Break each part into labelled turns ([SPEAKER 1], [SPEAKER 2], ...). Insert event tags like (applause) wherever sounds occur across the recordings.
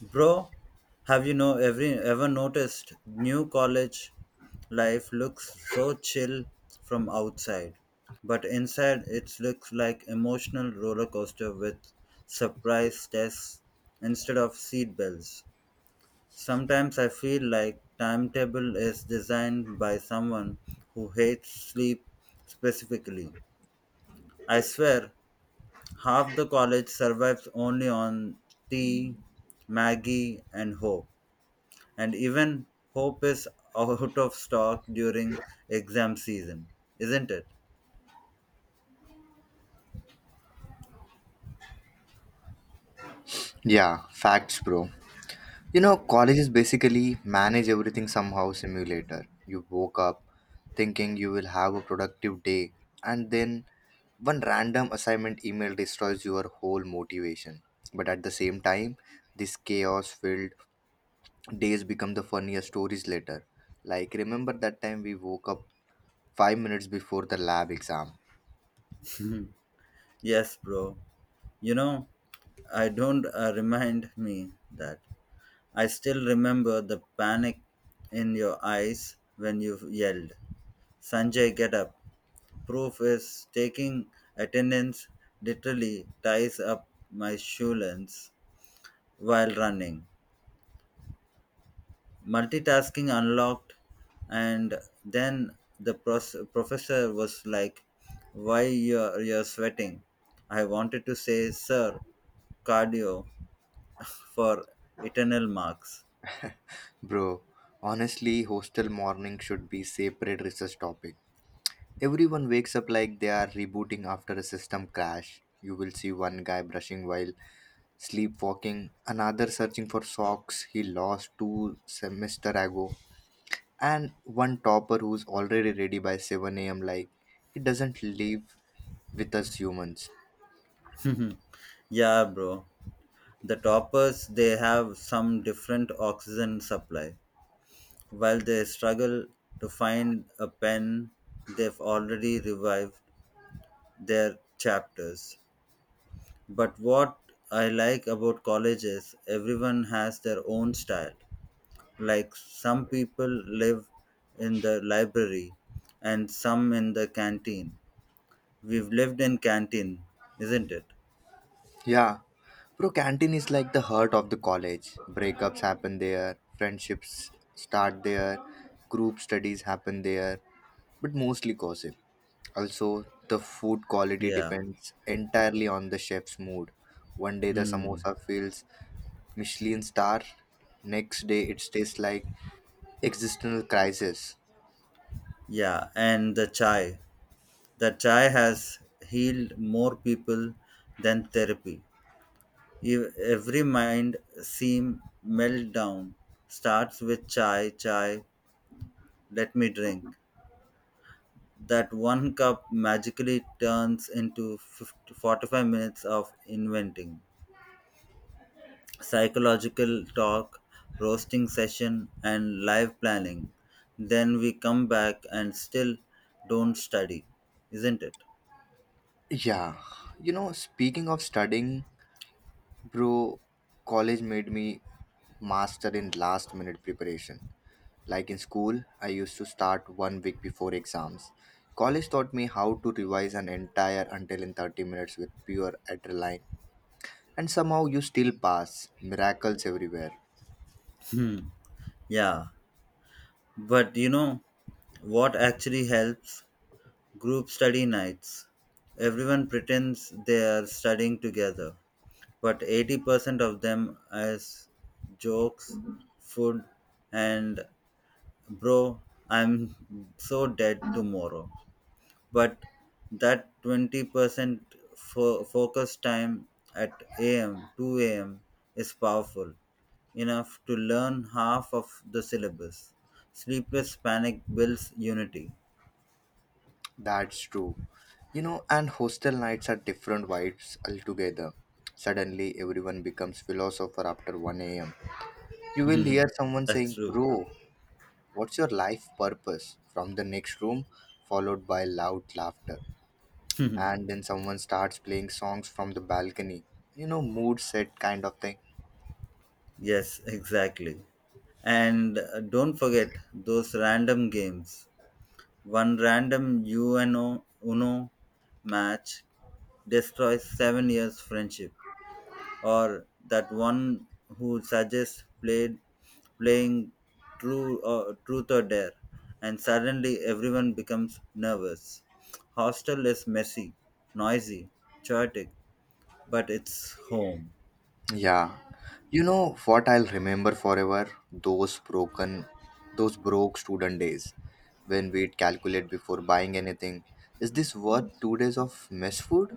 [SPEAKER 1] Bro, have you know every ever noticed new college life looks so chill from outside, but inside it looks like emotional roller coaster with surprise tests instead of seat bells. Sometimes I feel like timetable is designed by someone who hates sleep specifically. I swear, half the college survives only on tea, Maggie, and hope and even hope is out of stock during exam season, isn't it?
[SPEAKER 2] Yeah, facts, bro. You know, colleges basically manage everything somehow simulator. You woke up thinking you will have a productive day, and then one random assignment email destroys your whole motivation. But at the same time, this chaos filled days become the funniest stories later. Like, remember that time we woke up 5 minutes before the lab exam?
[SPEAKER 1] Yes, bro. You know, I don't remind me that. I still remember the panic in your eyes when you yelled, Sanjay, get up. Proof is taking attendance literally ties up my shoe lens while running. Multitasking unlocked, and then the professor was like why you're sweating. I wanted to say sir, cardio for eternal marks.
[SPEAKER 2] Bro, honestly, hostel morning should be separate research topic. Everyone wakes up like they are rebooting after a system crash. You will see one guy brushing while sleepwalking, another searching for socks he lost two semester ago, and one topper who's already ready by 7 a.m. like he doesn't live with us humans.
[SPEAKER 1] (laughs) Yeah, bro, the toppers they have some different oxygen supply. While they struggle to find a pen, they've already revived their chapters. But what I like about college is everyone has their own style. Like some people live in the library and some in the canteen. We've lived in canteen, isn't it?
[SPEAKER 2] Yeah, bro, canteen is like the heart of the college. Breakups happen there, friendships start there, group studies happen there, but mostly gossip. Also, the food quality
[SPEAKER 1] Yeah.
[SPEAKER 2] depends entirely on the chef's mood. One day the
[SPEAKER 1] Hmm.
[SPEAKER 2] samosa feels Michelin star, next day it tastes like existential crisis.
[SPEAKER 1] Yeah, and the chai. The chai has healed more people than therapy. Every mind seem meltdown starts with chai, chai, let me drink. That one cup magically turns into 50, 45 minutes of inventing, psychological talk, roasting session, and live planning. Then we come back and still don't study, isn't it?
[SPEAKER 2] Yeah, you know, speaking of studying, bro, college made me master in last minute preparation. Like in school, I used to start one week before exams. College taught me how to revise an entire until in 30 minutes with pure adrenaline. And somehow you still pass. Miracles everywhere.
[SPEAKER 1] Hmm. Yeah. But you know what actually helps? Group study nights. Everyone pretends they are studying together but 80% of them as jokes, food, and bro, I'm so dead tomorrow. But that 20% focus time at AM, 2 AM is powerful enough to learn half of the syllabus. Sleepless panic builds unity.
[SPEAKER 2] That's true. You know, and hostel nights are different vibes altogether. Suddenly, everyone becomes philosopher after 1 a.m. You will hear someone
[SPEAKER 1] (laughs) That's
[SPEAKER 2] saying,
[SPEAKER 1] true.
[SPEAKER 2] "Bro, what's your life purpose?" from the next room, followed by loud laughter. And then someone starts playing songs from the balcony, you know, mood set kind of thing.
[SPEAKER 1] Yes, exactly. And don't forget those random games. One random Uno match destroys 7 years friendship, or that one who suggests played playing true or truth or dare, and suddenly everyone becomes nervous. Hostel is messy, noisy, chaotic, but it's home.
[SPEAKER 2] Yeah, you know what I'll remember forever? Those broke student days when we'd calculate before buying anything. Is this worth 2 days of mess food?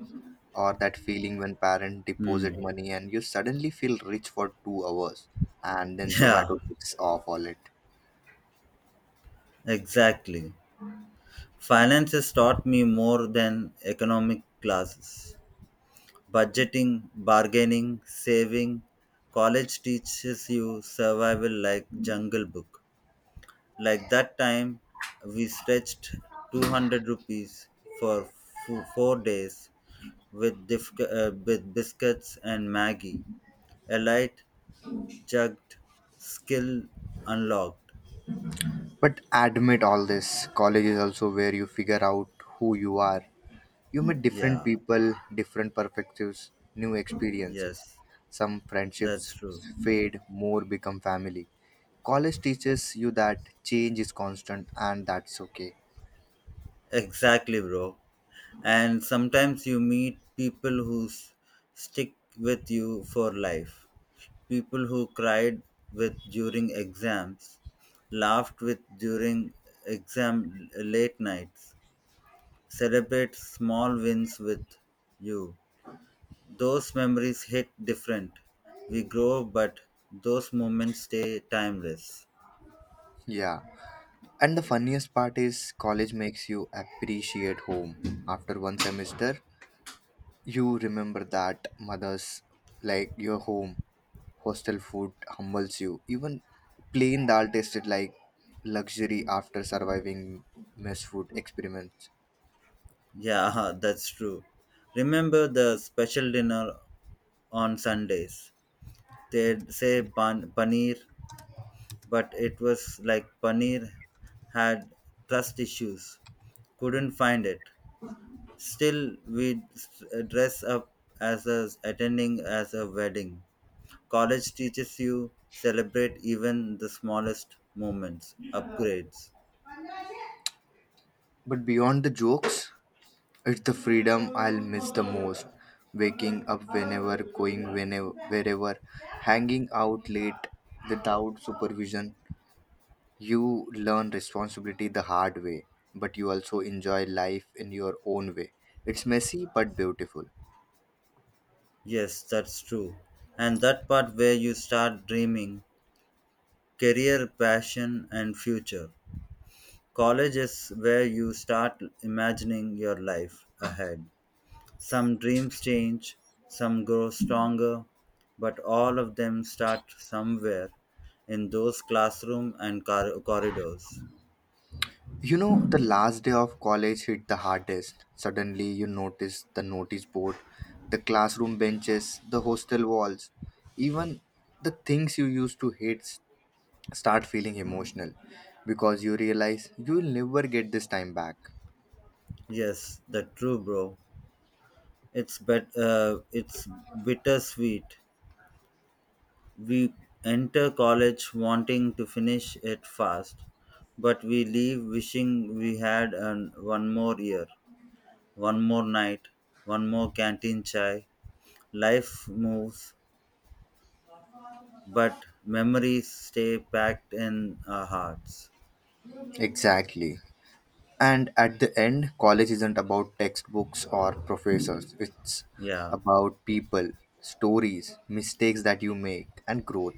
[SPEAKER 2] Or that feeling when parent deposit
[SPEAKER 1] Hmm. (laughs)
[SPEAKER 2] money and you suddenly feel rich for 2 hours, and then
[SPEAKER 1] Yeah,
[SPEAKER 2] zomato takes off all it.
[SPEAKER 1] exactly. Finances taught me more than economic classes. Budgeting, bargaining, saving. College teaches you survival like Jungle Book. Like that time, we stretched 200 rupees for 4 days with, with biscuits and Maggie. A light, jugged, skill unlocked.
[SPEAKER 2] But admit all this, college is also where you figure out who you are. You meet different
[SPEAKER 1] Yeah,
[SPEAKER 2] people, different perspectives, new experiences.
[SPEAKER 1] yes,
[SPEAKER 2] Some friendships
[SPEAKER 1] that's true.
[SPEAKER 2] fade, more become family. College teaches you that change is constant and that's okay.
[SPEAKER 1] Exactly, bro. And sometimes you meet people who stick with you for life. People who cried with during exams, laughed with during exam late nights, celebrate small wins with you. Those memories hit different. We grow, but those moments stay timeless.
[SPEAKER 2] Yeah. And the funniest part is, college makes you appreciate home. After one semester, you remember that mother's like your home, hostel food humbles you. Even plain dal tasted like luxury after surviving mess food experiments.
[SPEAKER 1] Yeah, (laughs) that's true. Remember the special dinner on Sundays. They'd say paneer but it was like paneer had trust issues. Couldn't find it. Still, we'd dress up as a, attending as a wedding. College teaches you celebrate even the smallest moments, upgrades.
[SPEAKER 2] But beyond the jokes, it's the freedom I'll miss the most. Waking up whenever, going whenever, wherever, hanging out late without supervision. You learn responsibility the hard way, but you also enjoy life in your own way. It's messy but beautiful.
[SPEAKER 1] Yes, that's true. And that part where you start dreaming, career, passion, and future. College is where you start imagining your life ahead. Some dreams change, some grow stronger, but all of them start somewhere in those classroom and corridors.
[SPEAKER 2] You know, the last day of college hit the hardest. Suddenly, you notice the notice board, the classroom benches, the hostel walls, even the things you used to hate start feeling emotional, because you realize you will never get this time back.
[SPEAKER 1] Yes, that true, bro. It's bet it's bittersweet. We enter college wanting to finish it fast, but we leave wishing we had an, one more year, one more night, one more canteen chai. Life moves but memories stay packed in our hearts.
[SPEAKER 2] Exactly. And at the end, college isn't about textbooks or professors, it's
[SPEAKER 1] Yeah,
[SPEAKER 2] about people, stories, mistakes that you make, and growth.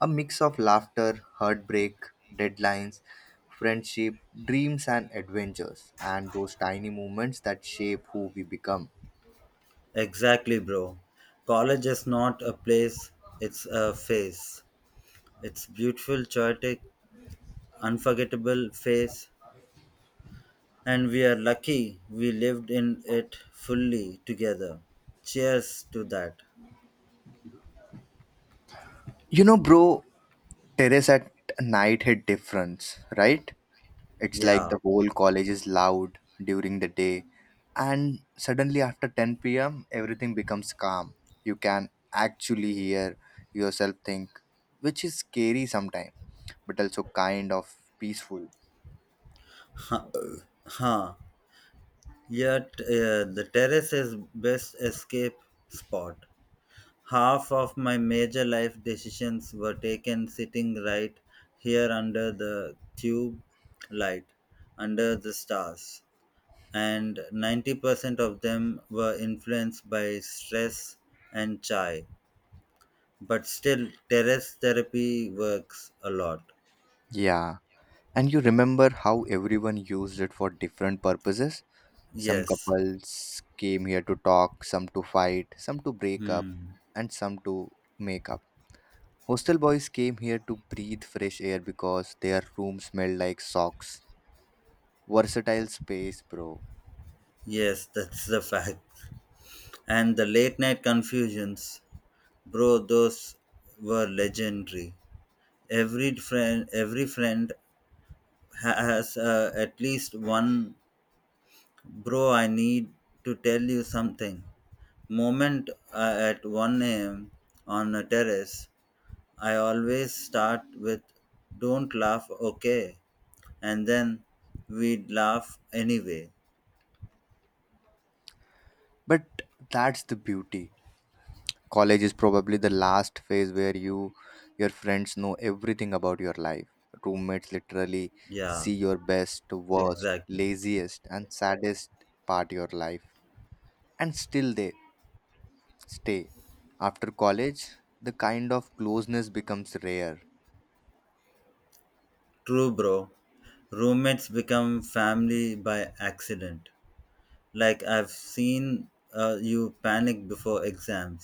[SPEAKER 2] A mix of laughter, heartbreak, deadlines, friendship, dreams, and adventures, and those tiny moments that shape who we become.
[SPEAKER 1] exactly, bro. College is not a place, it's a phase. It's beautiful, chaotic, unforgettable phase, and we are lucky we lived in it fully together. Cheers to that.
[SPEAKER 2] You know, bro, terrace at night hit difference, right? It's like
[SPEAKER 1] Yeah.
[SPEAKER 2] the
[SPEAKER 1] (laughs)
[SPEAKER 2] whole college is loud during the day, and suddenly after 10 p.m., everything becomes calm. You can actually hear yourself think, which is scary sometimes, but also kind of peaceful.
[SPEAKER 1] Huh. Huh. Yet The terrace is best escape spot. Half of my major life decisions were taken sitting right here under the tube light, under the stars, and 90% of them were influenced by stress and chai. But still, terrace therapy works a lot.
[SPEAKER 2] Yeah, and you remember how everyone used it for different purposes? Some
[SPEAKER 1] Yes.
[SPEAKER 2] couples came here to talk, some to fight, some to break up,
[SPEAKER 1] Hmm.
[SPEAKER 2] and some to make up. Hostel boys came here to breathe fresh air because their room smelled like socks. Versatile space, bro.
[SPEAKER 1] Yes, that's the fact. And the late night confusions, bro, those were legendary. Every friend has at least one bro I need to tell you something moment at 1 a.m on a terrace. I always start with don't laugh okay, and then we'd laugh anyway.
[SPEAKER 2] But that's the beauty. College is probably the last phase where you your friends know everything about your life. Roommates literally
[SPEAKER 1] Yeah,
[SPEAKER 2] see your best, worst,
[SPEAKER 1] exactly.
[SPEAKER 2] laziest and saddest part of your life, and still they stay. After college, the kind of closeness becomes rare.
[SPEAKER 1] True, bro. Roommates become family by accident. Like I've seen you panic before exams,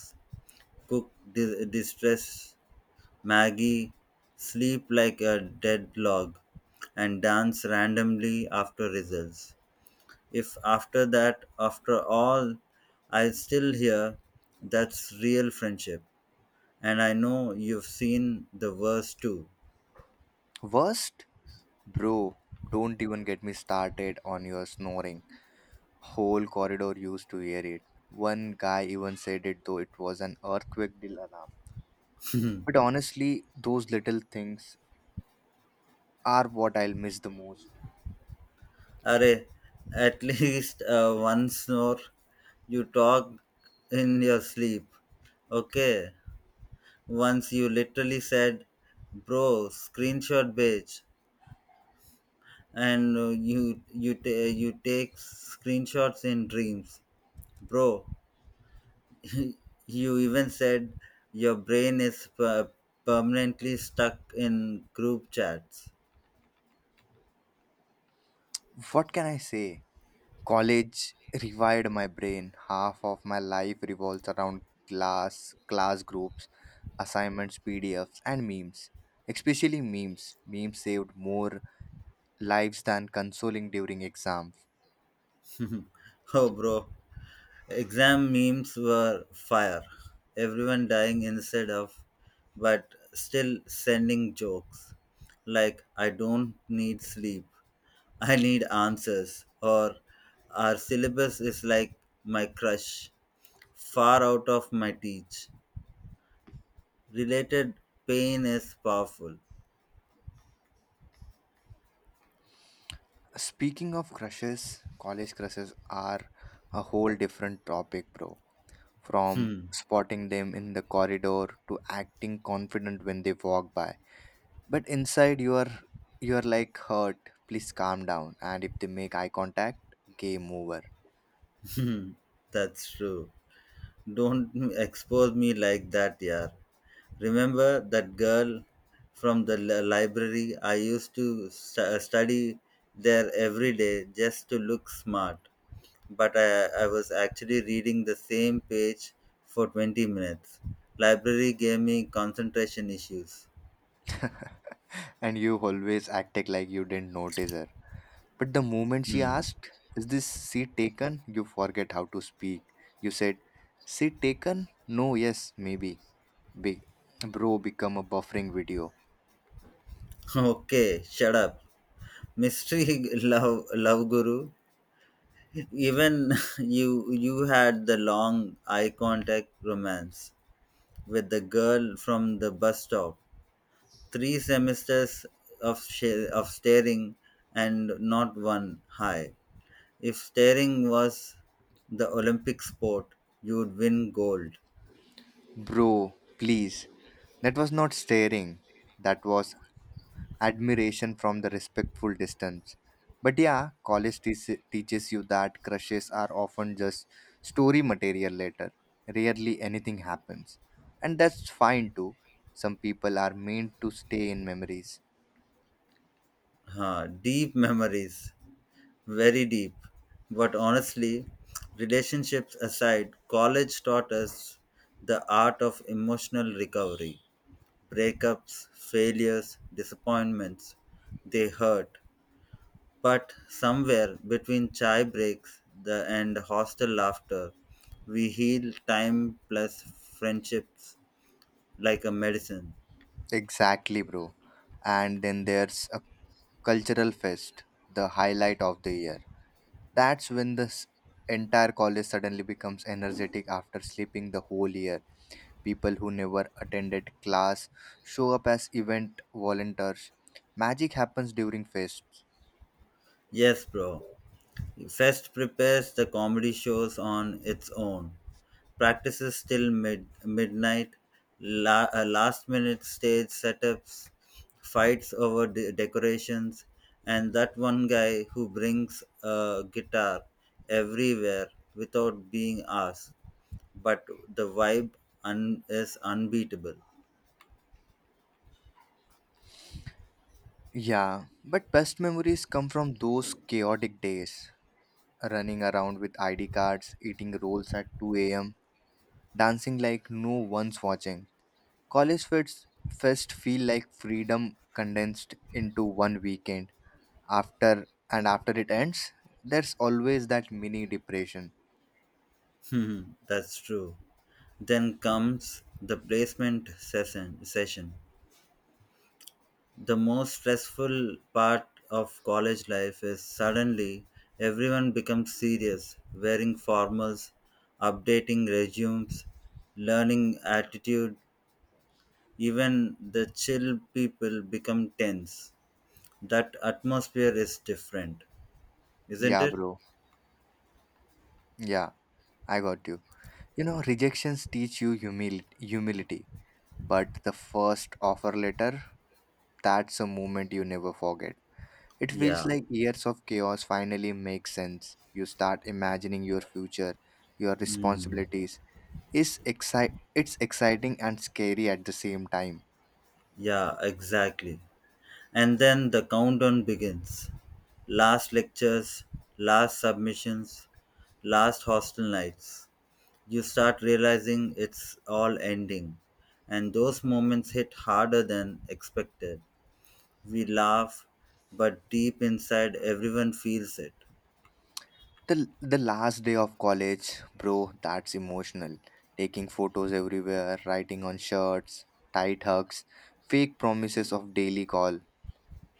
[SPEAKER 1] cook distress Maggie, sleep like a dead log, and dance randomly after results. If after that, after all, I still hear, that's real friendship. And I know you've seen the worst too.
[SPEAKER 2] Worst? Bro, don't even get me started on your snoring. Whole corridor used to hear it. One guy even said it though it was an earthquake deal alarm. But honestly, those little things are what I'll miss the most.
[SPEAKER 1] Array, at (laughs) least once more, you talk in your sleep. Okay. Once you literally said, bro, screenshot bitch. And you take screenshots in dreams, bro. You even said your brain is permanently stuck in group chats.
[SPEAKER 2] What can I say? College revived my brain. Half of my life revolves around class, class groups, assignments, PDFs, and memes. Especially memes. Memes saved more lives than consoling during exams.
[SPEAKER 1] Oh bro, exam memes were fire. Everyone dying instead of but still sending jokes like I don't need sleep, I need answers, or our syllabus is like my crush. Far out of my teach. Related pain is powerful.
[SPEAKER 2] Speaking of crushes, college crushes are a whole different topic, bro. From
[SPEAKER 1] Hmm.
[SPEAKER 2] spotting them in the corridor to acting confident when they walk by. But inside you are like, "Hurt, please calm down." And if they make eye contact, game over.
[SPEAKER 1] Hmm. That's true. Don't expose me like that, yeah. Remember that girl from the library? I used to study there every day just to look smart. But I was actually reading the same page for 20 minutes. Library gave me concentration issues.
[SPEAKER 2] And you always acted like you didn't notice her. But the moment she
[SPEAKER 1] Hmm. (laughs)
[SPEAKER 2] asked, "Is this seat taken?" you forget how to speak. You said, "Seat taken? No, yes, maybe." Big bro become a buffering video.
[SPEAKER 1] Okay, shut up. Mystery (laughs) love guru. Even (laughs) you had the long eye contact romance with the girl from the bus stop. Three semesters of staring and not one high. If staring was the Olympic sport, you would win gold.
[SPEAKER 2] Bro, please. That was not staring. That was admiration from the respectful distance. But yeah, college teaches you that crushes are often just story material later. Rarely anything happens. And that's fine too. Some people are meant to stay in memories.
[SPEAKER 1] Huh, deep memories. Very deep. But honestly, relationships aside, college taught us the art of emotional recovery. Breakups, failures, disappointments, they hurt. But somewhere between chai breaks the, and hostel laughter, we heal time plus friendships like a medicine.
[SPEAKER 2] Exactly, bro. And then there's a cultural fest, the highlight of the year. That's when the entire college suddenly becomes energetic after sleeping the whole year. People who never attended class show up as event volunteers. Magic happens during fests.
[SPEAKER 1] Yes, bro. Fest prepares the comedy shows on its own. Practices till midnight, last minute stage setups, fights over decorations, and that one guy who brings a guitar everywhere without being asked. But the vibe is unbeatable.
[SPEAKER 2] Yeah, but best memories come from those chaotic days. Running around with ID cards, eating rolls at 2 a.m., dancing like no one's watching. College Fest feel like freedom condensed into one weekend. After and after it ends, there's always that mini depression.
[SPEAKER 1] (laughs) That's true. Then comes the placement session. The most stressful part of college life is suddenly everyone becomes serious, wearing formals, updating resumes, learning attitude, even the chill people become tense. That atmosphere is different, isn't
[SPEAKER 2] Yeah,
[SPEAKER 1] it?
[SPEAKER 2] bro. Yeah, I got you. You know, rejections teach you humility, but the first offer letter, that's a moment you never forget. It feels
[SPEAKER 1] Yeah.
[SPEAKER 2] like years of chaos finally make sense. You start imagining your future, your
[SPEAKER 1] Mm.
[SPEAKER 2] responsibilities, it's exciting and scary at the same time.
[SPEAKER 1] Yeah, exactly. And then the countdown begins. Last lectures, last submissions, last hostel nights. You start realizing it's all ending. And those moments hit harder than expected. We laugh, but deep inside, everyone feels it.
[SPEAKER 2] The last day of college, bro, that's emotional. Taking photos everywhere, writing on shirts, tight hugs, fake promises of daily call,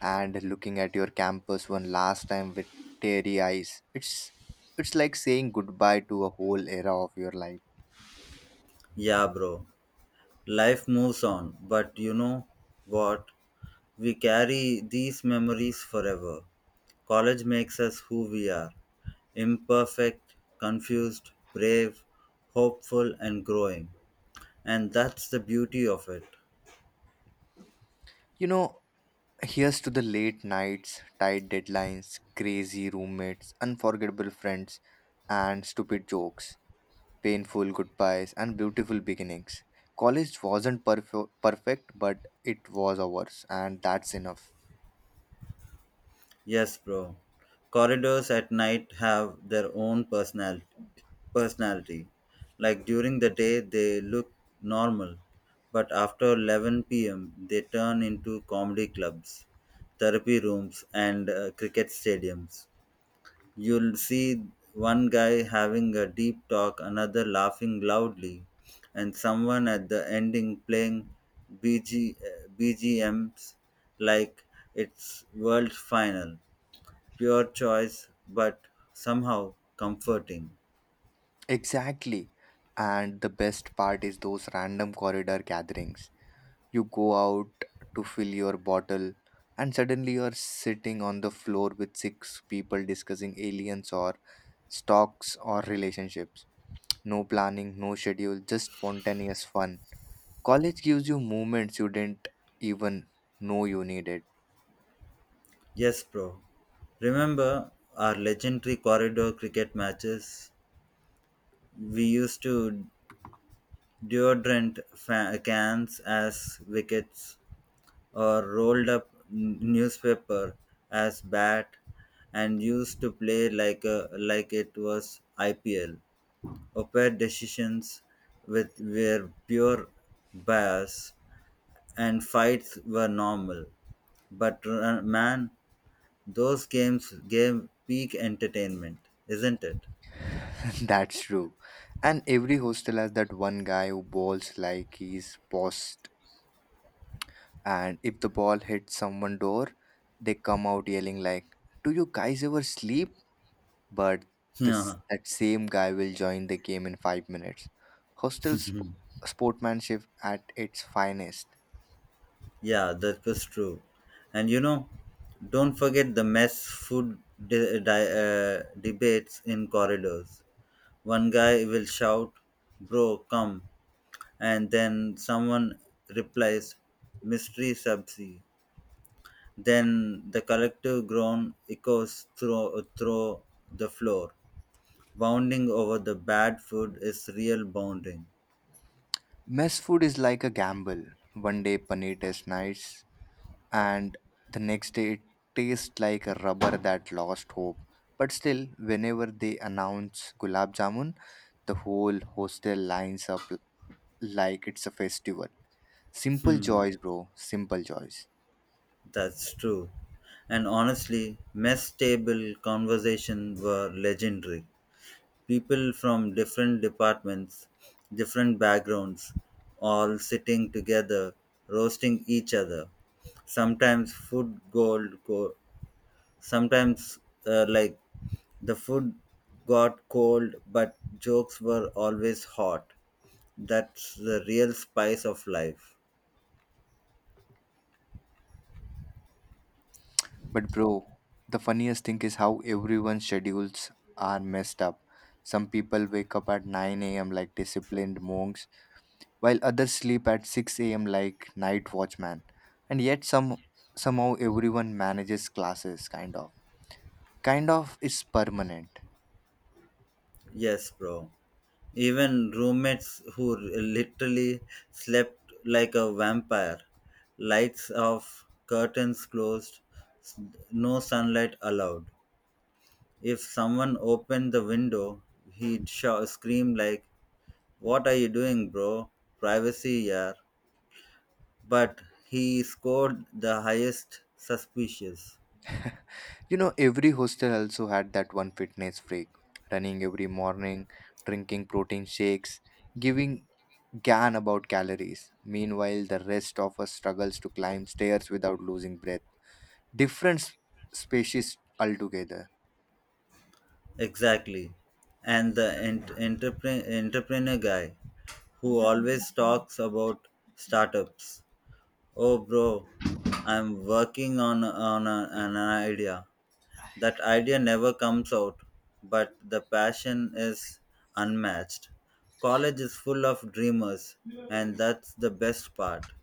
[SPEAKER 2] and looking at your campus one last time with teary eyes. It's like saying goodbye to a whole era of your life.
[SPEAKER 1] Yeah, bro. Life moves on, but you know what? We carry these memories forever. College makes us who we are imperfect, confused, brave, hopeful, and growing. And that's the beauty of it.
[SPEAKER 2] You know, here's to the late nights, tight deadlines, crazy roommates, unforgettable friends, and stupid jokes, painful goodbyes, and beautiful beginnings. College wasn't perfect, but it was ours, and that's enough.
[SPEAKER 1] Yes, bro. Corridors at night have their own personality. Personality. Like during the day, they look normal, but after 11 p.m., they turn into comedy clubs, therapy rooms, and cricket stadiums. You'll see one guy having a deep talk, another laughing loudly, and someone at the ending playing BGMs like it's world final. Pure choice, but somehow comforting.
[SPEAKER 2] Exactly. And the best part is those random corridor gatherings. You go out to fill your bottle, and suddenly you're sitting on the floor with six people discussing aliens or stocks or relationships. No planning, no schedule, just spontaneous fun. College gives you moments you didn't even know you needed.
[SPEAKER 1] Yes, bro. Remember our legendary corridor cricket matches? We used to deodorant cans as wickets or rolled up newspaper as bat and used to play like a, like it was IPL. Opair decisions with were pure bias and fights were normal. But man, those games gave peak entertainment, isn't it? (laughs)
[SPEAKER 2] That's true. And every hostel has that one guy who bowls like he's post. And if the ball hits someone door, they come out yelling like, "Do you guys ever sleep?" But this
[SPEAKER 1] Yeah,
[SPEAKER 2] that same guy will join the game in 5 minutes. Hostel sportsmanship at its finest.
[SPEAKER 1] yeah, that was true. And you know, don't forget the mess food debates in corridors. One guy will shout, bro, come. And then someone replies, mystery subsea. Then the collective groan echoes through the floor. Bounding over the bad food is real bounding.
[SPEAKER 2] Mess food is like a gamble. One day paneer tastes nice, and the next day it tastes like a rubber that lost hope. But still, whenever they announce gulab jamun, the whole hostel lines up like it's a festival. Simple
[SPEAKER 1] Hmm.
[SPEAKER 2] joys, bro. Simple joys.
[SPEAKER 1] That's true. And honestly, mess table conversations were legendary. People from different departments, different backgrounds, all sitting together, roasting each other. Sometimes food gold go sometimes like the food got cold but jokes were always hot. That's the real spice of life.
[SPEAKER 2] But bro, the funniest thing is how everyone's schedules are messed up. Some people wake up at 9 a.m. like disciplined monks, while others sleep at 6 a.m. like night watchman. And yet somehow everyone manages classes kind of is permanent.
[SPEAKER 1] Yes, bro. Even roommates who literally slept like a vampire. Lights off, curtains closed, s- no sunlight allowed. If someone opened the window, he'd shout, scream like, "What are you doing, bro? Privacy, yeah." But he scored the highest suspicious.
[SPEAKER 2] You know, every hostel also had that one fitness freak running every morning, drinking protein shakes, giving gan about calories. Meanwhile, the rest of us struggles to climb stairs without losing breath. Different species altogether.
[SPEAKER 1] Exactly. And the entrepreneur guy who always talks about startups. Oh, bro, I'm working on an idea. That idea never comes out, but the passion is unmatched. College is full of dreamers, and that's the best part.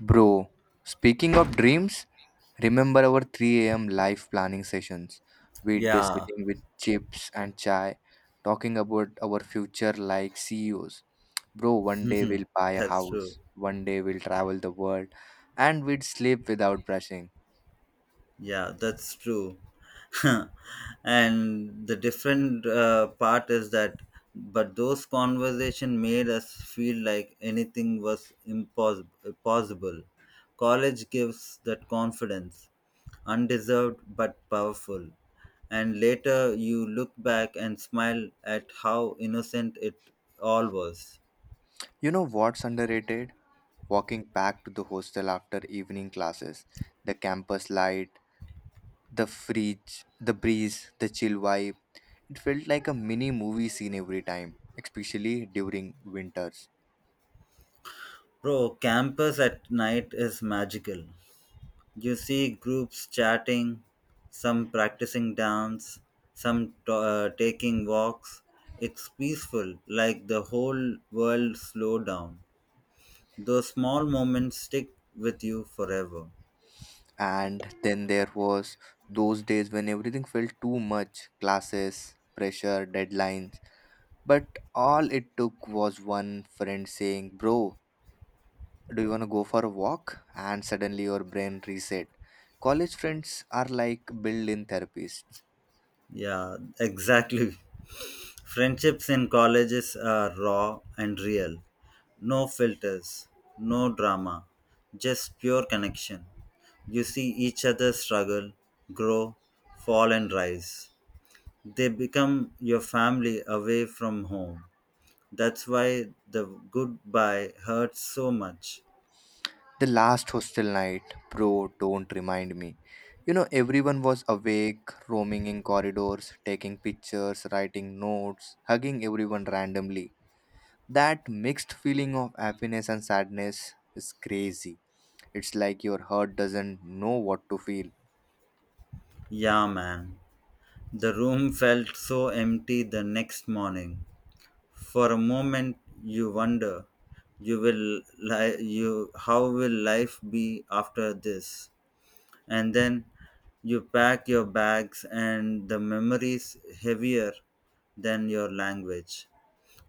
[SPEAKER 2] Bro, speaking of dreams, remember our 3 a.m. life planning sessions? We'd be
[SPEAKER 1] Yeah,
[SPEAKER 2] sitting with chips and chai, talking about our future like CEOs. Bro, one day we'll buy
[SPEAKER 1] (laughs)
[SPEAKER 2] a
[SPEAKER 1] that's true.
[SPEAKER 2] house, one day we'll travel the world, and we'd sleep without brushing.
[SPEAKER 1] Yeah, that's true. (laughs) And the different part is that, but those conversation made us feel like anything was impossible. Possible. College gives that confidence, undeserved but powerful. And later you look back and smile at how innocent it all was.
[SPEAKER 2] You know what's underrated? Walking back to the hostel after evening classes, the campus light, the fridge, the breeze, the chill vibe. It felt like a mini movie scene every time, especially during winters.
[SPEAKER 1] Bro, campus at night is magical. You see groups chatting, some practicing dance, some taking walks. It's peaceful, like the whole world slow down. Those small moments stick with you forever.
[SPEAKER 2] And then there was those days when everything felt too much, classes, pressure, deadlines. But all it took was one friend saying, "Bro, do you want to go for a walk?" And suddenly your brain reset. College friends are like built in therapists.
[SPEAKER 1] Yeah, exactly. (laughs) Friendships in colleges are raw and real. No filters, no drama, just pure connection. You see each other struggle, grow, fall, and rise. They become your family away from home. That's why the goodbye hurts so much.
[SPEAKER 2] The last hostel night, bro, don't remind me. You know, everyone was awake, roaming in corridors, taking pictures, writing notes, hugging everyone randomly. That mixed feeling of happiness and sadness is crazy. It's like your heart doesn't know what to feel.
[SPEAKER 1] Yeah, man. The room felt so empty the next morning. For a moment, you wonder, you will li- you how will life be after this? And then you pack your bags, and the memories heavier than your language.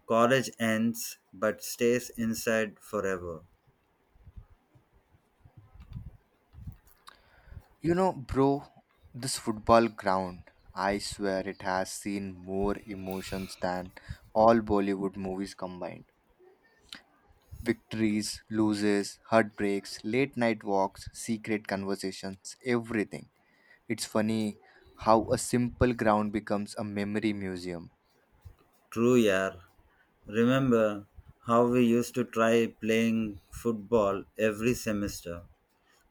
[SPEAKER 1] College ends, but stays inside forever.
[SPEAKER 2] You know, bro, this football ground, I swear it has seen more emotions than all Bollywood movies combined. Victories, loses, heartbreaks, late night walks, secret conversations, everything. It's funny how a simple ground becomes a memory museum.
[SPEAKER 1] True, yeah. Remember how we used to try playing football every semester?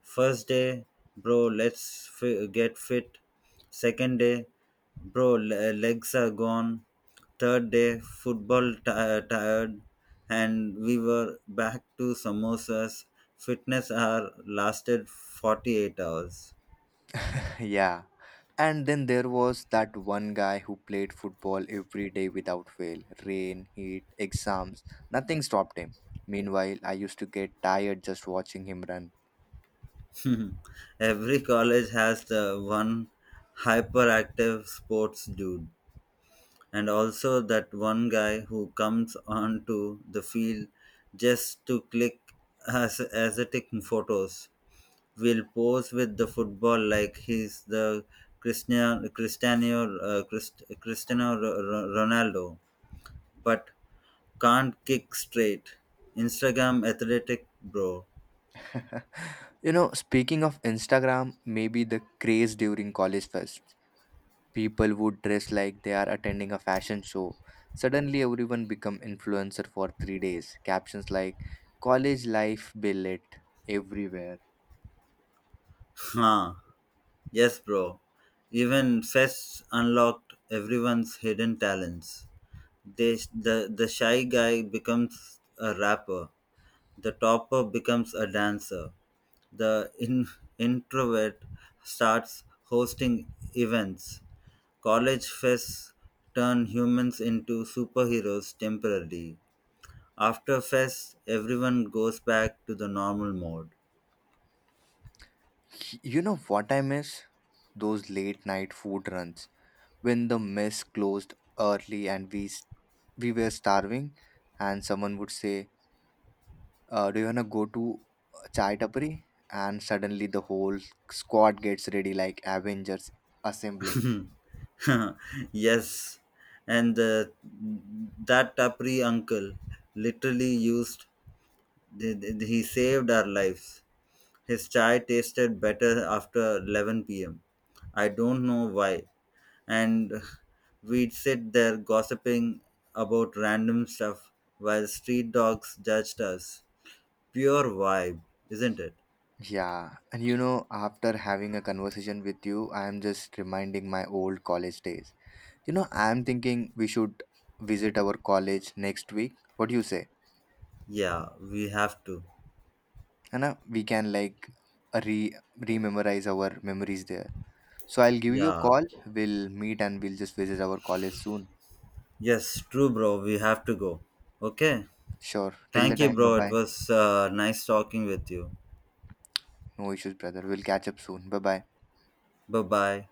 [SPEAKER 1] First day, bro, let's get fit. Second day, bro, legs are gone. Third day, football tired. And we were back to samosas. Fitness hour lasted 48 hours.
[SPEAKER 2] Yeah. And then there was that one guy who played football every day without fail. Rain, heat, exams, nothing stopped him. Meanwhile, I used to get tired just watching him run.
[SPEAKER 1] (laughs) Every college has the one hyperactive sports dude. And also that one guy who comes onto the field just to click as aesthetic photos. Will pose with the football like he's the Cristiano Ronaldo but can't kick straight. Instagram athletic bro.
[SPEAKER 2] (laughs) You know, speaking of Instagram, maybe the craze during college fest. People would dress like they are attending a fashion show. Suddenly everyone become influencer for 3 days. Captions like college life billet everywhere.
[SPEAKER 1] Huh, yes bro. Even fests unlocked everyone's hidden talents. They, the shy guy becomes a rapper, the topper becomes a dancer, the introvert starts hosting events. College fests turn humans into superheroes temporarily. After fest, everyone goes back to the normal mode.
[SPEAKER 2] You know what I miss? Those late night food runs when the mess closed early and we were starving, and someone would say, "Do you wanna go to chai tapri?" And suddenly the whole squad gets ready like Avengers assembling.
[SPEAKER 1] (laughs) Yes, and the, that tapri uncle literally used, he he saved our lives. His chai tasted better after 11 pm. I don't know why. And we'd sit there gossiping about random stuff while street dogs judged us. Pure vibe, isn't it?
[SPEAKER 2] Yeah, and you know, after having a conversation with you, I am just reminding my old college days. You know, I am thinking we should visit our college next week. What do you say?
[SPEAKER 1] Yeah, we have to.
[SPEAKER 2] And we can like re rememorize our memories there. So I'll give you a
[SPEAKER 1] Yeah.
[SPEAKER 2] call. We'll meet and we'll just visit our college soon.
[SPEAKER 1] Yes, true, bro. We have to go. Okay.
[SPEAKER 2] Sure. Till the
[SPEAKER 1] Thank you,
[SPEAKER 2] time, bye
[SPEAKER 1] bro. It
[SPEAKER 2] bye.
[SPEAKER 1] was nice talking with you.
[SPEAKER 2] No issues, brother. We'll catch up soon. Bye bye.
[SPEAKER 1] Bye bye.